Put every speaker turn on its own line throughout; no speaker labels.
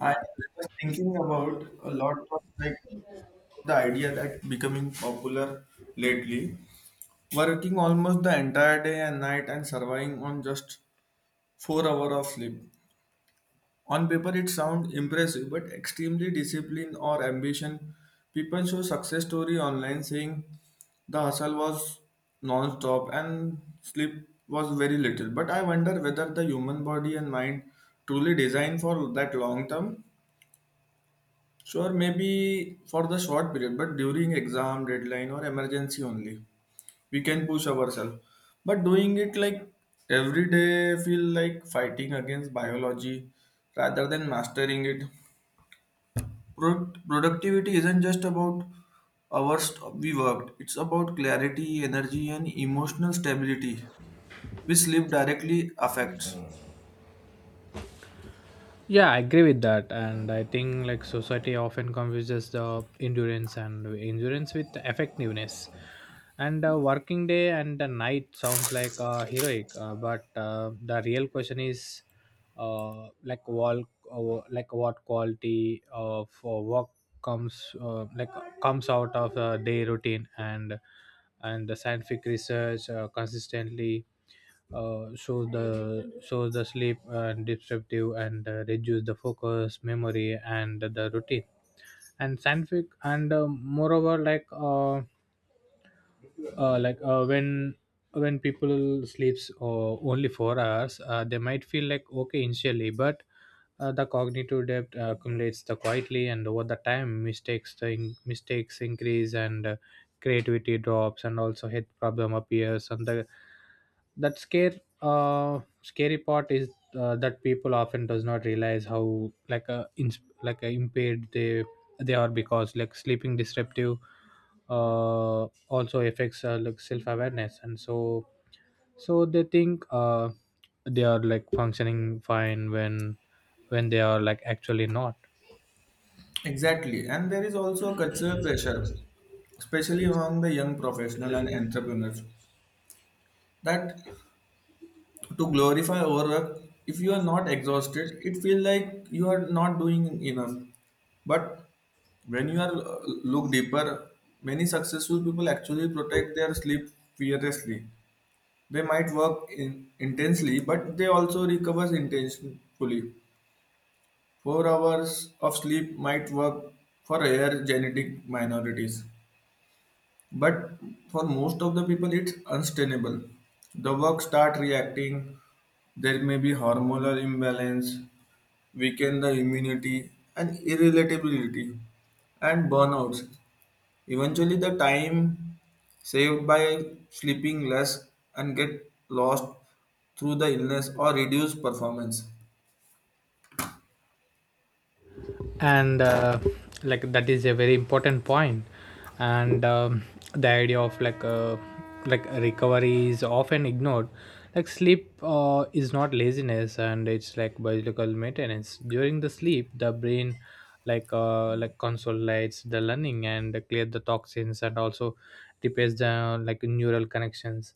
I was thinking about a lot of like the idea that becoming popular lately, working almost the entire day and night and surviving on just 4 hours of sleep. On paper, it sounds impressive, but extremely discipline or ambition. People show success story online saying the hustle was non-stop and sleep was very little. But I wonder whether the human body and mind truly designed for that long term. Sure, maybe for the short period, but during exam, deadline, or emergency only, we can push ourselves. But doing it like every day, feel like fighting against biology rather than mastering it. Productivity isn't just about hours we worked, it's about clarity, energy, and emotional stability, which sleep directly affects.
Yeah, I agree with that, and I think like society often confuses the endurance with effectiveness. And a working day and a night sounds like heroic, but the real question is like wall, like what quality of work comes uh, like comes out of a day routine and the scientific research consistently, so the sleep disruptive and reduce the focus memory and the routine and scientific, and moreover like uh, like uh, when when people sleeps only 4 hours, they might feel like okay initially, but the cognitive depth accumulates the quietly, and over the time mistakes mistakes increase, and creativity drops and also health problem appears. And the that scare scary part is that people often does not realize how like a impaired they are because like sleeping disruptive also affects like self awareness. And so they think they are like functioning fine when they are like actually not.
Exactly, and there is also cultural pressure especially among the young professional and entrepreneurs that to glorify overwork. If you are not exhausted it feels like you are not doing enough. But when you are look deeper, many successful people actually protect their sleep fearlessly. They might intensely, but they also recovers intentionally. 4 hours of sleep might work for rare genetic minorities, but for most of the people it's unsustainable. The work start reacting. There may be hormonal imbalance, weaken the immunity and irritability and burnouts. Eventually the time saved by sleeping less and get lost through the illness or reduced performance.
And like that is a very important point, and the idea of like recovery is often ignored. Like sleep is not laziness, and it's like biological maintenance. During the sleep the brain like consolidates the learning and clear the toxins, and also repairs the like neural connections.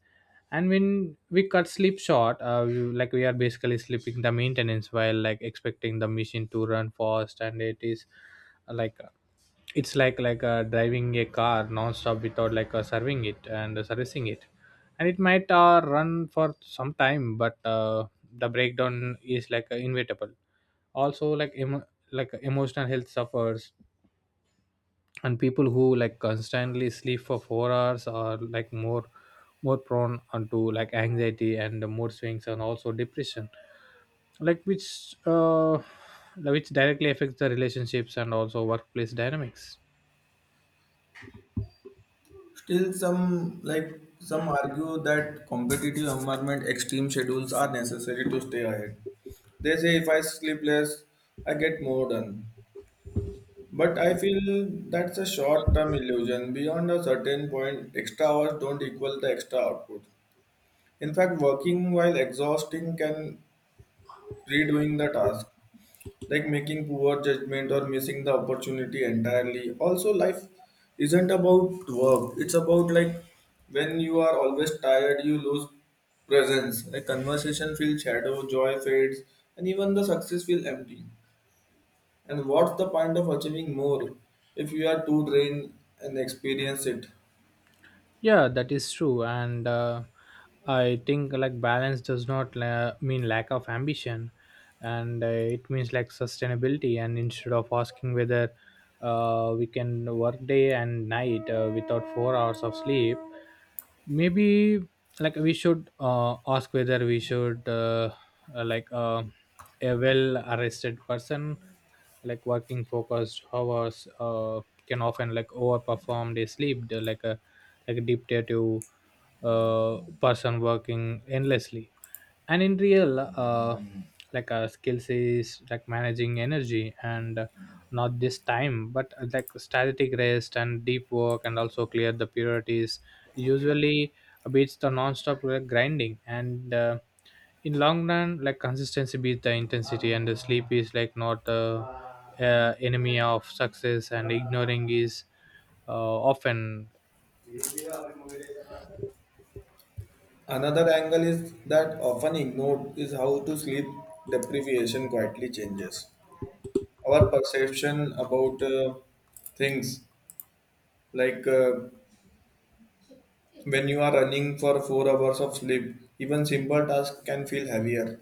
And when we cut sleep short, like we are basically sleeping the maintenance while like expecting the machine to run fast. And uh, like uh, it's like driving a car non-stop without like serving it and servicing it. And it might run for some time, but the breakdown is like inevitable. Also like emotional health suffers, and people who like constantly sleep for 4 hours are like more prone onto like anxiety and the mood swings and also depression, like which directly affects the relationships and also workplace dynamics.
Still, some argue that competitive environment extreme schedules are necessary to stay ahead. They say if I sleep less, I get more done. But I feel that's a short-term illusion. Beyond a certain point, extra hours don't equal the extra output. In fact, working while exhausting can redoing the task, like making poor judgment or missing the opportunity entirely. Also life isn't about work, it's about like when you are always tired you lose presence. Like conversation feels shadow, joy fades, and even the success feels empty. And what's the point of achieving more if you are too drained and experience it?
Yeah, that is true, and I think like balance does not mean lack of ambition, and it means like sustainability. And instead of asking whether we can work day and night without 4 hours of sleep, maybe like we should ask whether we should. Uh, like uh, a well arrested person like working focused hours can often like overperform their sleep. They're like a dictative person working endlessly. And in real, skills is like managing energy, and not this time but like static rest and deep work and also clear the priorities usually beats the non-stop grinding. And in long run like consistency beats the intensity, and the sleep is like not the enemy of success, and ignoring is often.
Another angle is that often ignored is how to sleep deprivation quietly changes our perception about things. Like when you are running for 4 hours of sleep, even simple tasks can feel heavier.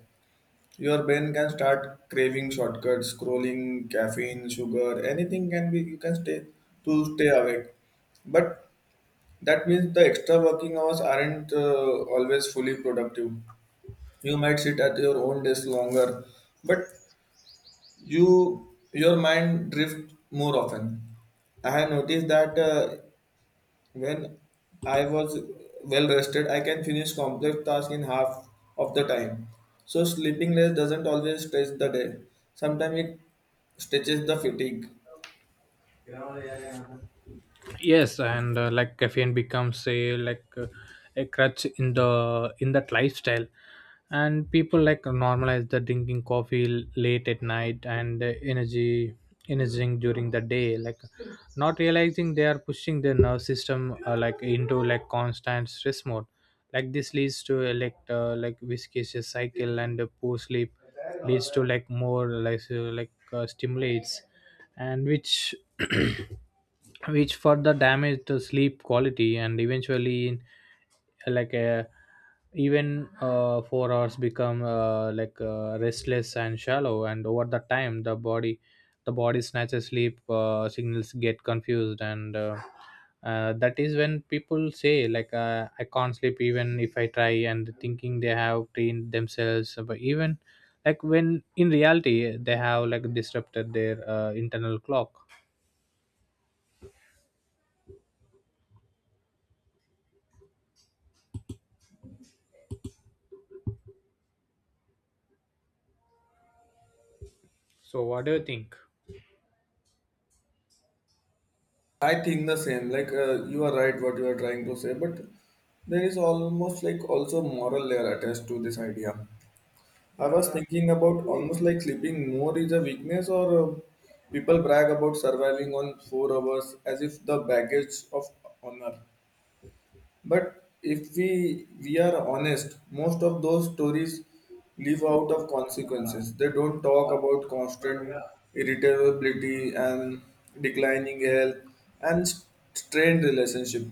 Your brain can start craving shortcuts, scrolling, caffeine, sugar, anything can be you can stay to stay awake. But that means the extra working hours aren't always fully productive. You might sit at your own desk longer, but your mind drifts more often. I have noticed that when I was well rested, I can finish complex tasks in half of the time. So sleeping less doesn't always stretch the day. Sometimes it stretches the fatigue.
Yes, and like caffeine becomes a like a crutch in the in that lifestyle, and people like normalize the drinking coffee late at night, and energy energizing during the day, like not realizing they are pushing their nervous system like into like constant stress mode. Like this leads to a like viscous cycle, and poor sleep leads to like more like stimulates, and which which further damaged the sleep quality, and eventually in like a, even 4 hours become restless and shallow. And over the time the body snatches sleep signals get confused, and that is when people say like I can't sleep even if I try, and thinking they have trained themselves, but even like when in reality they have like disrupted their internal clock. So what do you think?
I think the same. Like you are right, what you are trying to say, but there is almost like also moral layer attached to this idea. I was thinking about almost like sleeping more is a weakness, or people brag about surviving on 4 hours as if the baggage of honor. But if we are honest, most of those stories live out of consequences. They don't talk about constant irritability and declining health and strained relationship.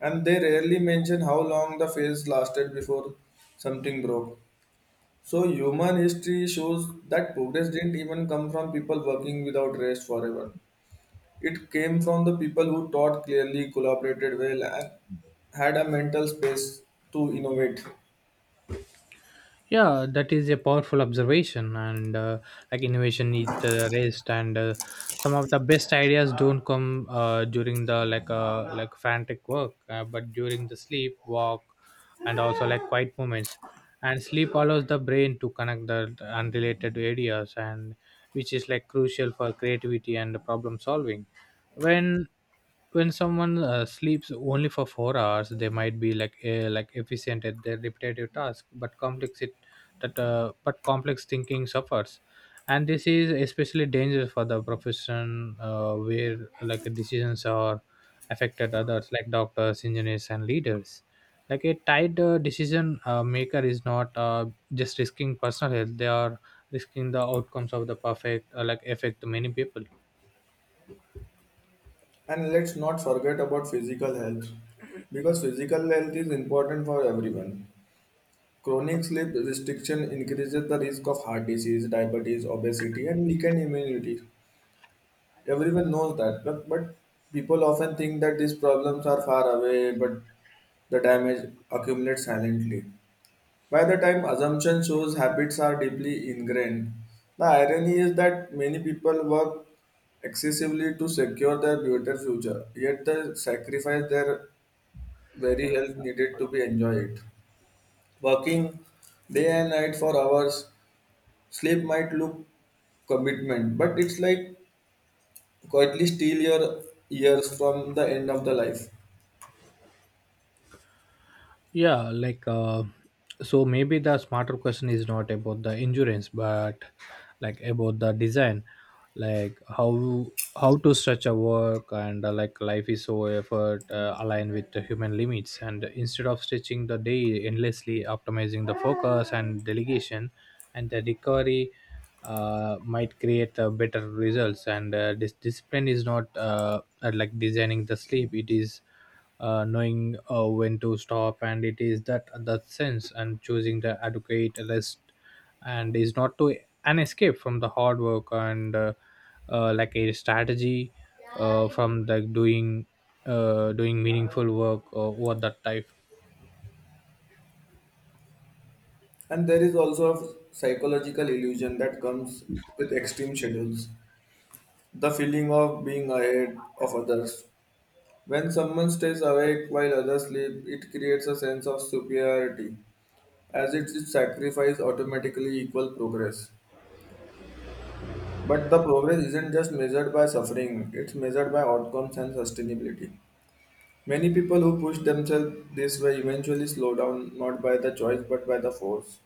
And they rarely mention how long the phase lasted before something broke. So human history shows that progress didn't even come from people working without rest forever. It came from the people who thought clearly, collaborated well, and had a mental space to innovate.
Yeah, that is a powerful observation, and like innovation needs the rest, and some of the best ideas don't come during the like frantic work, but during the sleep, walk, and also like quiet moments. And sleep allows the brain to connect the unrelated areas, and which is like crucial for creativity and problem solving. When when someone sleeps only for 4 hours, they might be like efficient at their repetitive task, but complex it that but complex thinking suffers. And this is especially dangerous for the profession where like decisions are affected others, like doctors, engineers, and leaders. Like a tied decision maker is not just risking personal health, they are risking the outcomes of the perfect like affect many people.
And let's not forget about physical health, because physical health is important for everyone. Chronic sleep restriction increases the risk of heart disease, diabetes, obesity, and weakened immunity. Everyone knows that, but people often think that these problems are far away, but the damage accumulates silently. By the time assumption shows habits are deeply ingrained, the irony is that many people work excessively to secure their better future, yet they sacrifice their very health needed to be enjoyed. Working day and night for hours, sleep might look commitment, but it's like quietly steal your years from the end of the life.
Yeah, like so maybe the smarter question is not about the insurance, but like about the design, like how to stretch a work and like life is so effort aligned with the human limits, and instead of stretching the day endlessly, optimizing the focus and delegation, and the recovery might create better results. And this discipline is not like designing the sleep, it is knowing when to stop, and it is that sense and choosing the adequate rest, and is not to an escape from the hard work, and like a strategy from the doing doing meaningful work over that time.
And there is also a psychological illusion that comes with extreme schedules. The feeling of being ahead of others. When someone stays awake while others sleep, it creates a sense of superiority, as it is sacrifice automatically equal progress. But the progress isn't just measured by suffering, it's measured by outcomes and sustainability. Many people who push themselves this way eventually slow down not by the choice but by the force.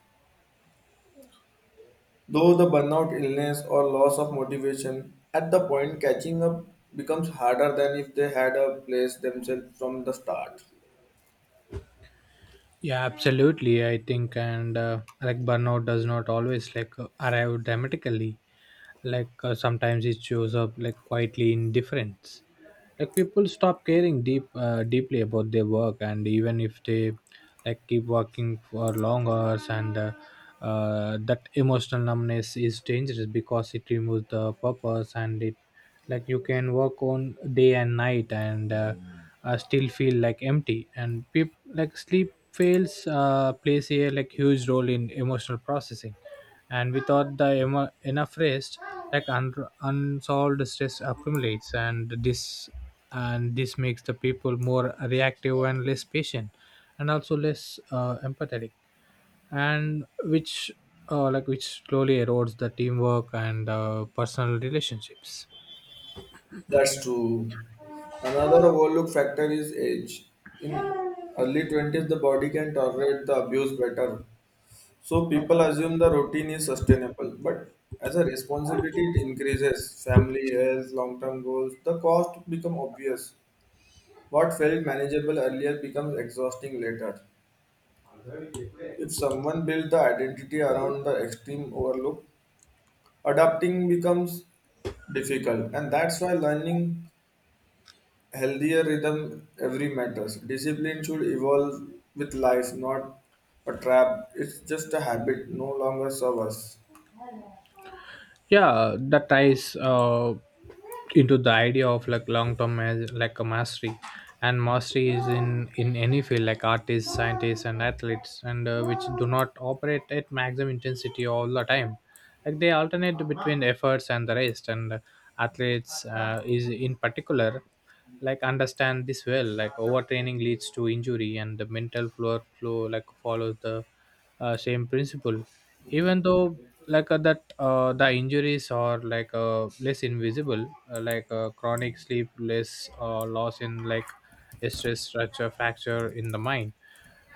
Though the burnout, illness, or loss of motivation, at the point catching up becomes harder than if they had a place themselves from the start.
Yeah, absolutely, I think, and like burnout does not always like arrive dramatically. Like sometimes it shows up like quietly indifference. Like people stop caring deeply about their work, and even if they like keep working for long hours, and that emotional numbness is dangerous because it removes the purpose, and it, like, you can work on day and night, and still feel like empty. And sleep fails plays a like huge role in emotional processing, and without the enough rest, like unsolved stress accumulates, and this makes the people more reactive and less patient and also less empathetic, and which like which slowly erodes the teamwork and personal relationships.
That's true. Another overlooked factor is age. In early 20s, the body can tolerate the abuse better. So people assume the routine is sustainable. But as a responsibility it increases, family, health, long-term goals, the cost become obvious. What felt manageable earlier becomes exhausting later. If someone builds the identity around the extreme overlook, adapting becomes difficult. And that's why learning healthier rhythm every matters discipline should evolve with life, not a trap it's just a habit no longer serve us.
Yeah, that ties into the idea of like long-term like a mastery. And mastery is in any field, like artists, scientists, and athletes, and which do not operate at maximum intensity all the time. Like they alternate between efforts and the rest, and athletes is in particular like understand this well. Like overtraining leads to injury, and the mental flow like follows the same principle. Even though like that the injuries are like less invisible, like chronic sleep less loss in like a stress structure fracture in the mind.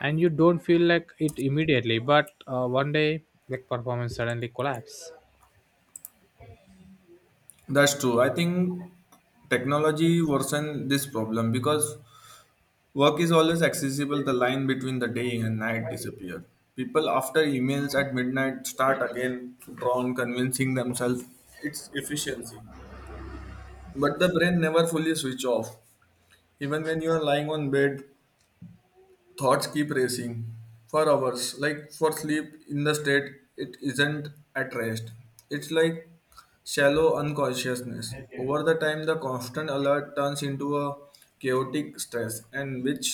And you don't feel like it immediately, but one day like performance suddenly collapse.
That's true. I think technology worsen this problem because work is always accessible. The line between the day and night disappear. People after emails at midnight start again to draw on convincing themselves it's efficiency. But the brain never fully switch off. Even when you are lying on bed, thoughts keep racing for hours like for sleep in the state it isn't at rest, it's like shallow unconsciousness. Over the time the constant alert turns into a chaotic stress, and which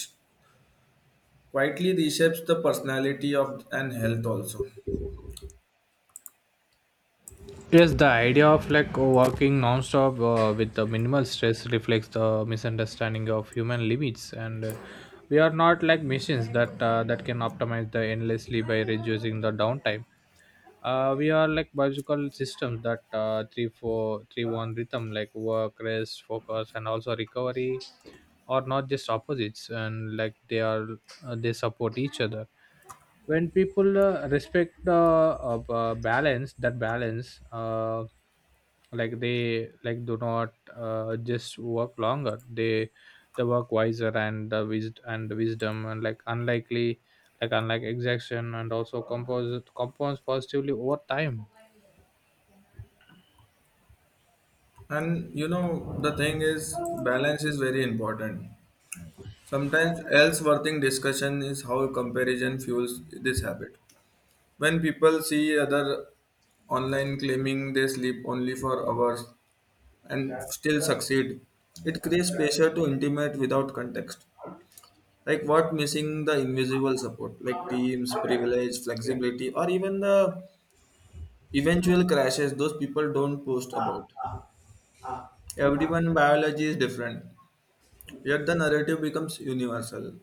quietly reshapes the personality of and health also.
Yes, the idea of like working non-stop with the minimal stress reflects the misunderstanding of human limits, and we are not like machines that can optimize the endlessly by reducing the downtime. We are like biological systems that three four three one rhythm, like work, rest, focus, and also recovery, are not just opposites, and like they support each other. When people respect the balance, that balance like they like do not just work longer, they work wiser, and the wisdom and like unlike exaction, and also compose positively over time.
And you know the thing is balance is very important. Sometimes else worthing discussion is how comparison fuels this habit. When people see other online claiming they sleep only for hours and still succeed, it creates pressure to intimate without context. Like what missing the invisible support, like teams, privilege, flexibility, or even the eventual crashes those people don't post about. Everyone biology is different, yet the narrative becomes universal.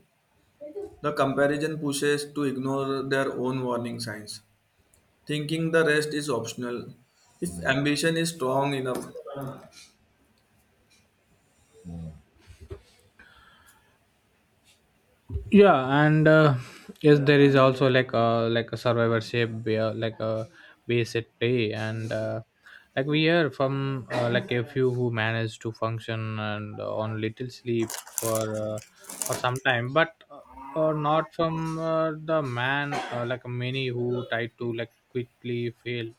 The comparison pushes to ignore their own warning signs. Thinking the rest is optional. If ambition is strong enough.
Yeah, and yes, there is also like a survivorship where like a base at play. And like we hear from like a few who manage to function and on little sleep for uh, for some time, but not from the man like many who try to like quickly fail.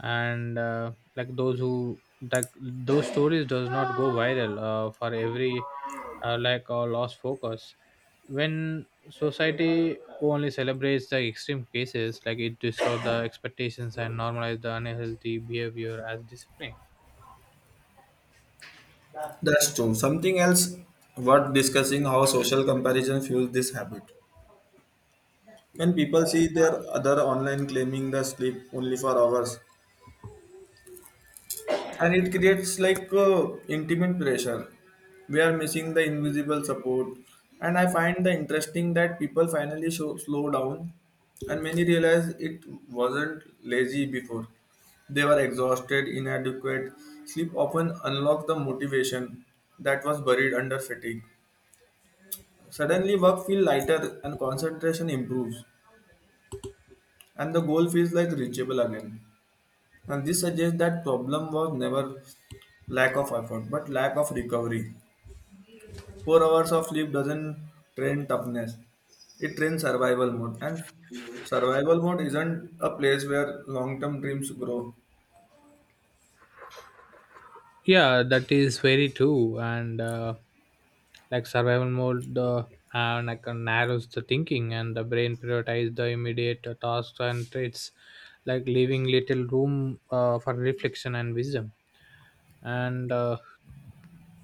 And like those stories does not go viral for every lost focus. When society only celebrates the extreme cases, like it distorts the expectations and normalize the unhealthy behavior as discipline.
That's true. Something else worth discussing how social comparison fuels this habit. When people see their other online claiming the sleep only for hours, and it creates like intimate pressure. We are missing the invisible support, and I find the interesting that people finally show, slow down and many realize it wasn't lazy before. They were exhausted inadequate. Sleep often unlocked the motivation that was buried under fatigue. Suddenly work feels lighter and concentration improves, and the goal feels like reachable again. And this suggests that problem was never lack of effort but lack of recovery. 4 hours of sleep doesn't train toughness. It trains survival mode. And survival mode isn't a place where long term dreams grow.
Yeah, that is very true, and like survival mode and like narrows the thinking, and the brain prioritize the immediate tasks and traits, like leaving little room for reflection and wisdom, and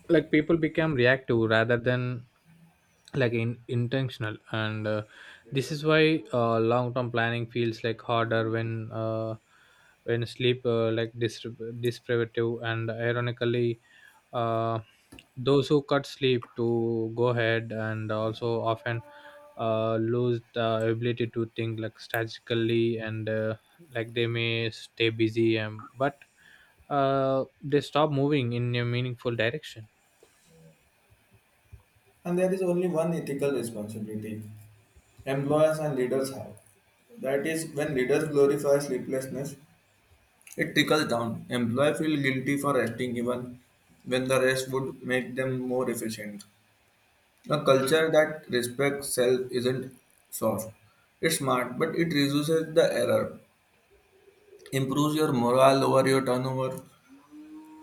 like people became reactive rather than like intentional. And this is why long term planning feels like harder when sleep like deprivative, and ironically, uh, those who cut sleep to go ahead and also often lose the ability to think like strategically, and like they may stay busy, and but they stop moving in a meaningful direction.
And there is only one ethical responsibility employers and leaders have. That is, when leaders glorify sleeplessness, it trickles down. Employees feel guilty for resting even when the rest would make them more efficient. A culture that respects self isn't soft. It's smart, but it reduces the error. Improves your morale over your turnover.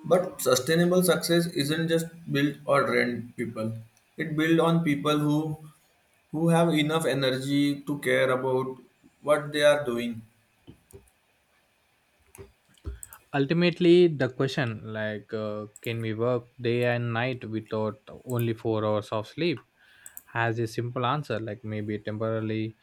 But sustainable success isn't just built or trained people. It built on people who have enough energy to care about what they are doing.
Ultimately the question, like can we work day and night without only 4 hours of sleep, has a simple answer, like maybe temporarily,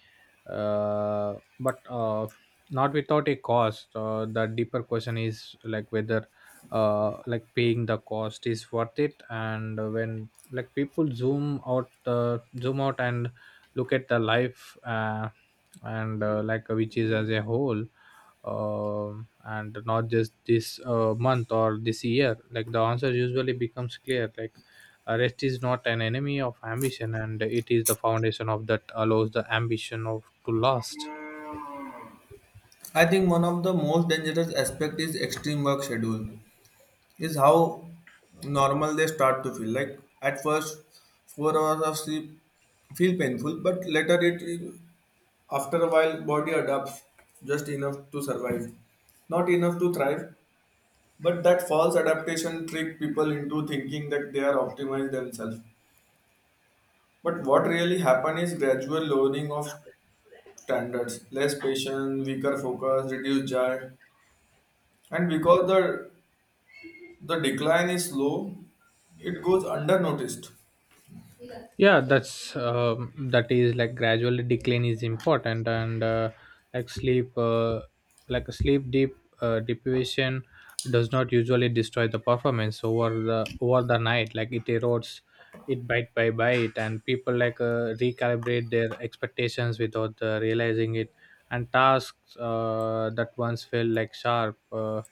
but not without a cost. The deeper question is like whether like paying the cost is worth it, and When like people zoom out and look at the life and which is as a whole and not just this month or this year. Like the answer usually becomes clear. Rest is not an enemy of ambition, and it is the foundation of that allows the ambition of to last.
I think one of the most dangerous aspect is extreme work schedule. Is how normal they start to feel. Like at first, 4 hours of sleep feel painful, but later it after a while body adapts just enough to survive, not enough to thrive. But that false adaptation trick people into thinking that they are optimized themselves. But what really happen is gradual lowering of standards, less patience, weaker focus, reduced joy, and because the decline is slow, it goes under noticed.
Yeah, that is like gradual decline is important. And like sleep uh, like sleep deep deprivation does not usually destroy the performance over the night. Like it erodes it bite by bite, and people recalibrate their expectations without realizing it. And tasks that once felt like sharp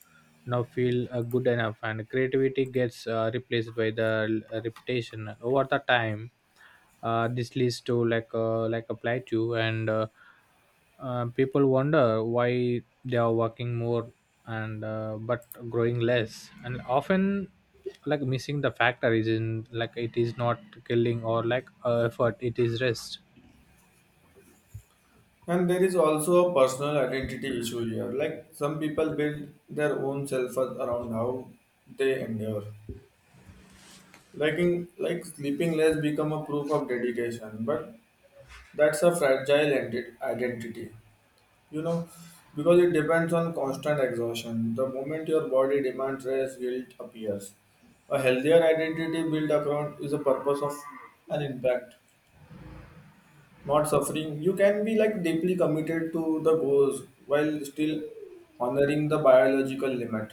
now feel good enough, and creativity gets replaced by the reputation. And over the time, this leads to like a plateau. And people wonder why they are working more, and but growing less, and often like missing the factor is in, like it is not killing or effort. It is rest.
And there is also a personal identity issue here. Like some people build their own self worth around how they endure. Like sleeping less become a proof of dedication, but that's a fragile identity, you know, because it depends on constant exhaustion. The moment your body demands rest, guilt appears. A healthier identity built around is a purpose of an impact, not suffering. You can be like deeply committed to the goals while still honoring the biological limit.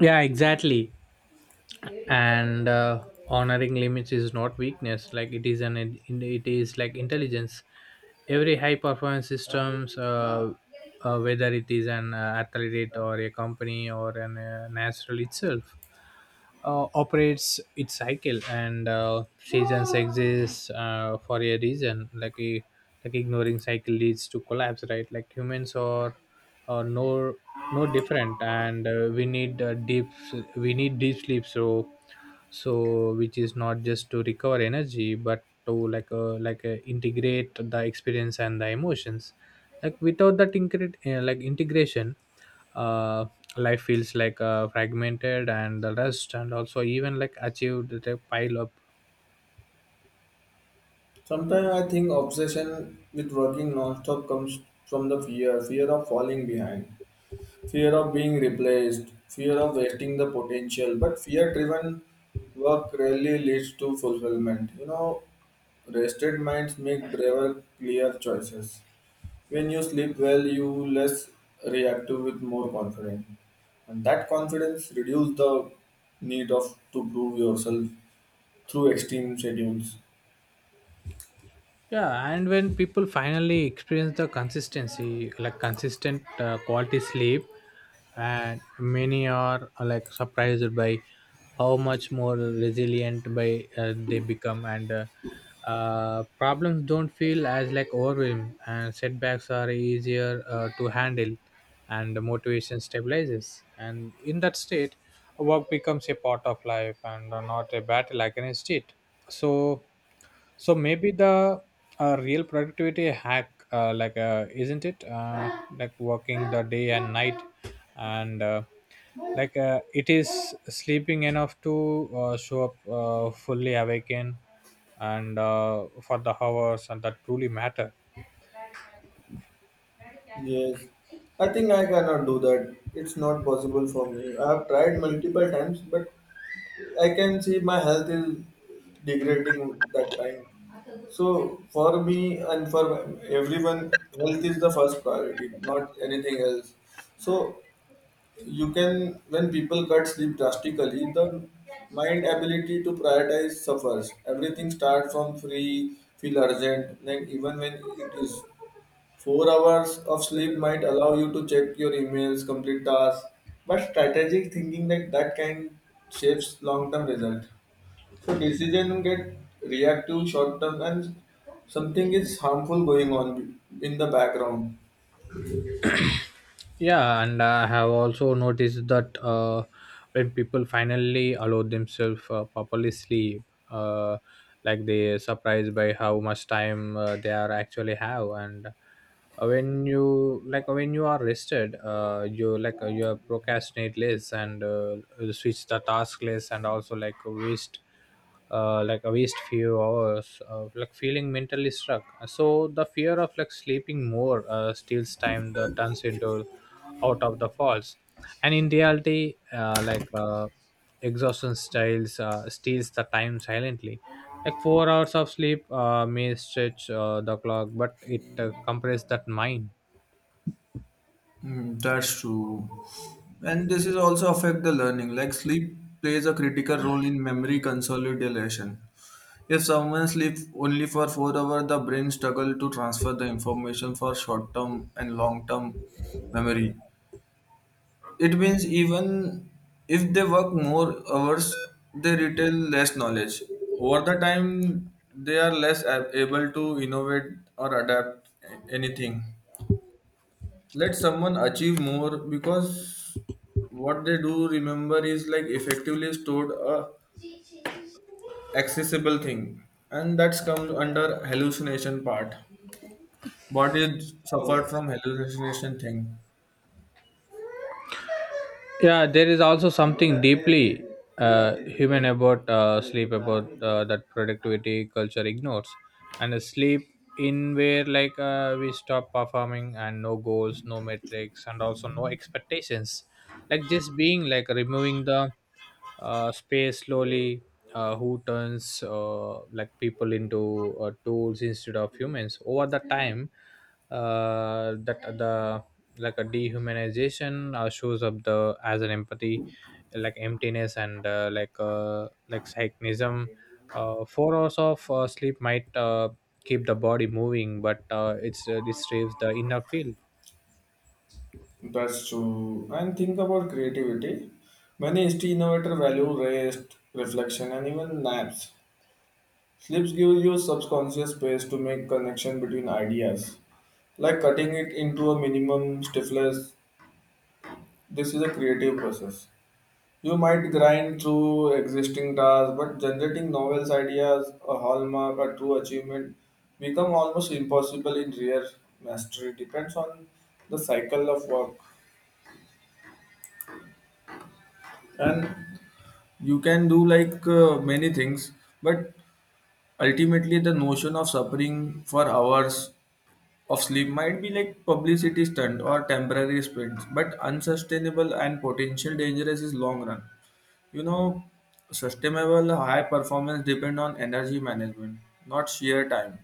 Yeah, exactly. And honoring limits is not weakness. Like it is an, it is like intelligence. Every high performance systems, whether it is an athlete or a company or an natural itself, operates its cycle. And seasons exist for a reason. Like a, like ignoring cycle leads to collapse, right? Like humans are uh, no no different. And we need we need deep sleep, so which is not just to recover energy, but to integrate the experience and the emotions, like without that like integration, uh, life feels like fragmented, and the rest and also even like achieved the pile up.
Sometimes I think obsession with working non-stop comes from the fear, fear of falling behind. Fear of being replaced, fear of wasting the potential. But fear driven work rarely leads to fulfillment. You know, rested minds make braver, clear choices. When you sleep well, you less reactive with more confidence. And that confidence reduces the need of to prove yourself through extreme schedules.
Yeah, and when people finally experience the consistency, like consistent quality sleep, and many are like surprised by how much more resilient by they become. And problems don't feel as like overwhelm, and setbacks are easier to handle, and the motivation stabilizes. And in that state, work becomes a part of life and not a battle against it. So so maybe the real productivity hack, isn't it? Like working the day and night, and it is sleeping enough to show up fully awakened and for the hours and that truly matter.
Yes. I think I cannot do that. It's not possible for me. I have tried multiple times, but I can see my health is degrading that time. So for me and for everyone, health is the first priority, not anything else. So you can when people cut sleep drastically, the mind ability to prioritize suffers. Everything starts from free, feel urgent. Like even when it is 4 hours of sleep might allow you to check your emails, complete tasks. But strategic thinking like that can shapes long-term result. So decision get reactive short term and something is harmful going on in the background.
Yeah, and I have also noticed that when people finally allow themselves properly sleep, uh, like they are surprised by how much time they are actually have. And when you like when you are rested, you like you are procrastinate less, and switch the task less, and also like waste like a waste few hours like feeling mentally struck. So the fear of like sleeping more steals time that turns into out of the falls. And in reality exhaustion styles steals the time silently. Like 4 hours of sleep may stretch the clock, but it compresses that mind.
Hmm, that's true. And this is also affect the learning. Like sleep plays a critical role in memory consolidation. If someone sleeps only for 4 hours, the brain struggle to transfer the information for short term and long term memory. It means even if they work more hours, they retain less knowledge. Over the time, they are less able to innovate or adapt anything. Let someone achieve more because what they do remember is like effectively stored a accessible thing, and that's comes under hallucination part. Body suffered from hallucination thing.
Yeah, there is also something deeply human about sleep about that productivity culture ignores. And a sleep in where we stop performing, and no goals, no metrics, and also no expectations, like just being, like removing the space slowly who turns like people into tools instead of humans. Over the time, that the like a dehumanization shows up the as an empathy, like emptiness, and like cynicism. 4 hours of sleep might keep the body moving, but it the inner field.
That's true. And think about creativity. Many history innovators value rest, reflection, and even naps. Sleeps give you subconscious space to make connection between ideas, like cutting it into a minimum stiffness. This is a creative process. You might grind through existing tasks, but generating novel ideas, a hallmark, a true achievement become almost impossible in rare mastery. Depends on the cycle of work, and you can do like many things but ultimately the notion of suffering for hours of sleep might be like publicity stunt or temporary sprints, but unsustainable and potential dangerous is long run. You know, sustainable high performance depend on energy management, not sheer time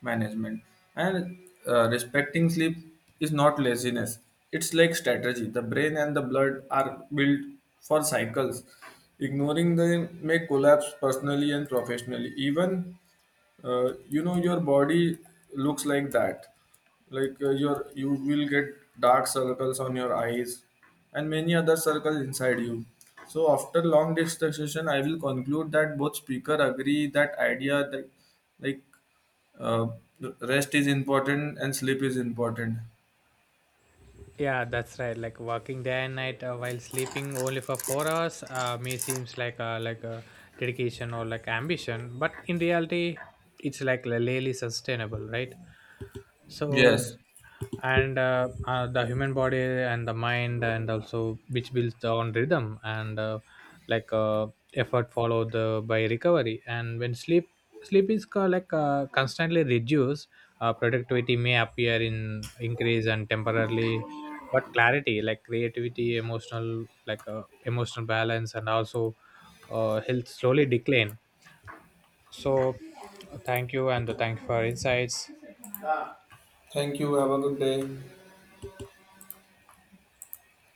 management. And respecting sleep is not laziness. It's like strategy. The brain and the blood are built for cycles. Ignoring them may collapse personally and professionally. Even you know your body looks like that, like you will get dark circles on your eyes and many other circles inside you. So after long discussion I will conclude that both speaker agree that idea that like uh, rest is important and sleep is important.
Yeah, that's right. Like working day and night while sleeping only for 4 hours, may seems like like a dedication or like ambition, but in reality, it's like really sustainable, right? So
Yes,
and the human body and the mind and also which builds on rhythm. And like uh, effort followed by recovery. And when sleep is constantly reduced, productivity may appear in increase and temporarily, but clarity, like creativity, emotional, emotional balance, and also health slowly decline. So thank you, and thank you for insights.
thank you, have a good day.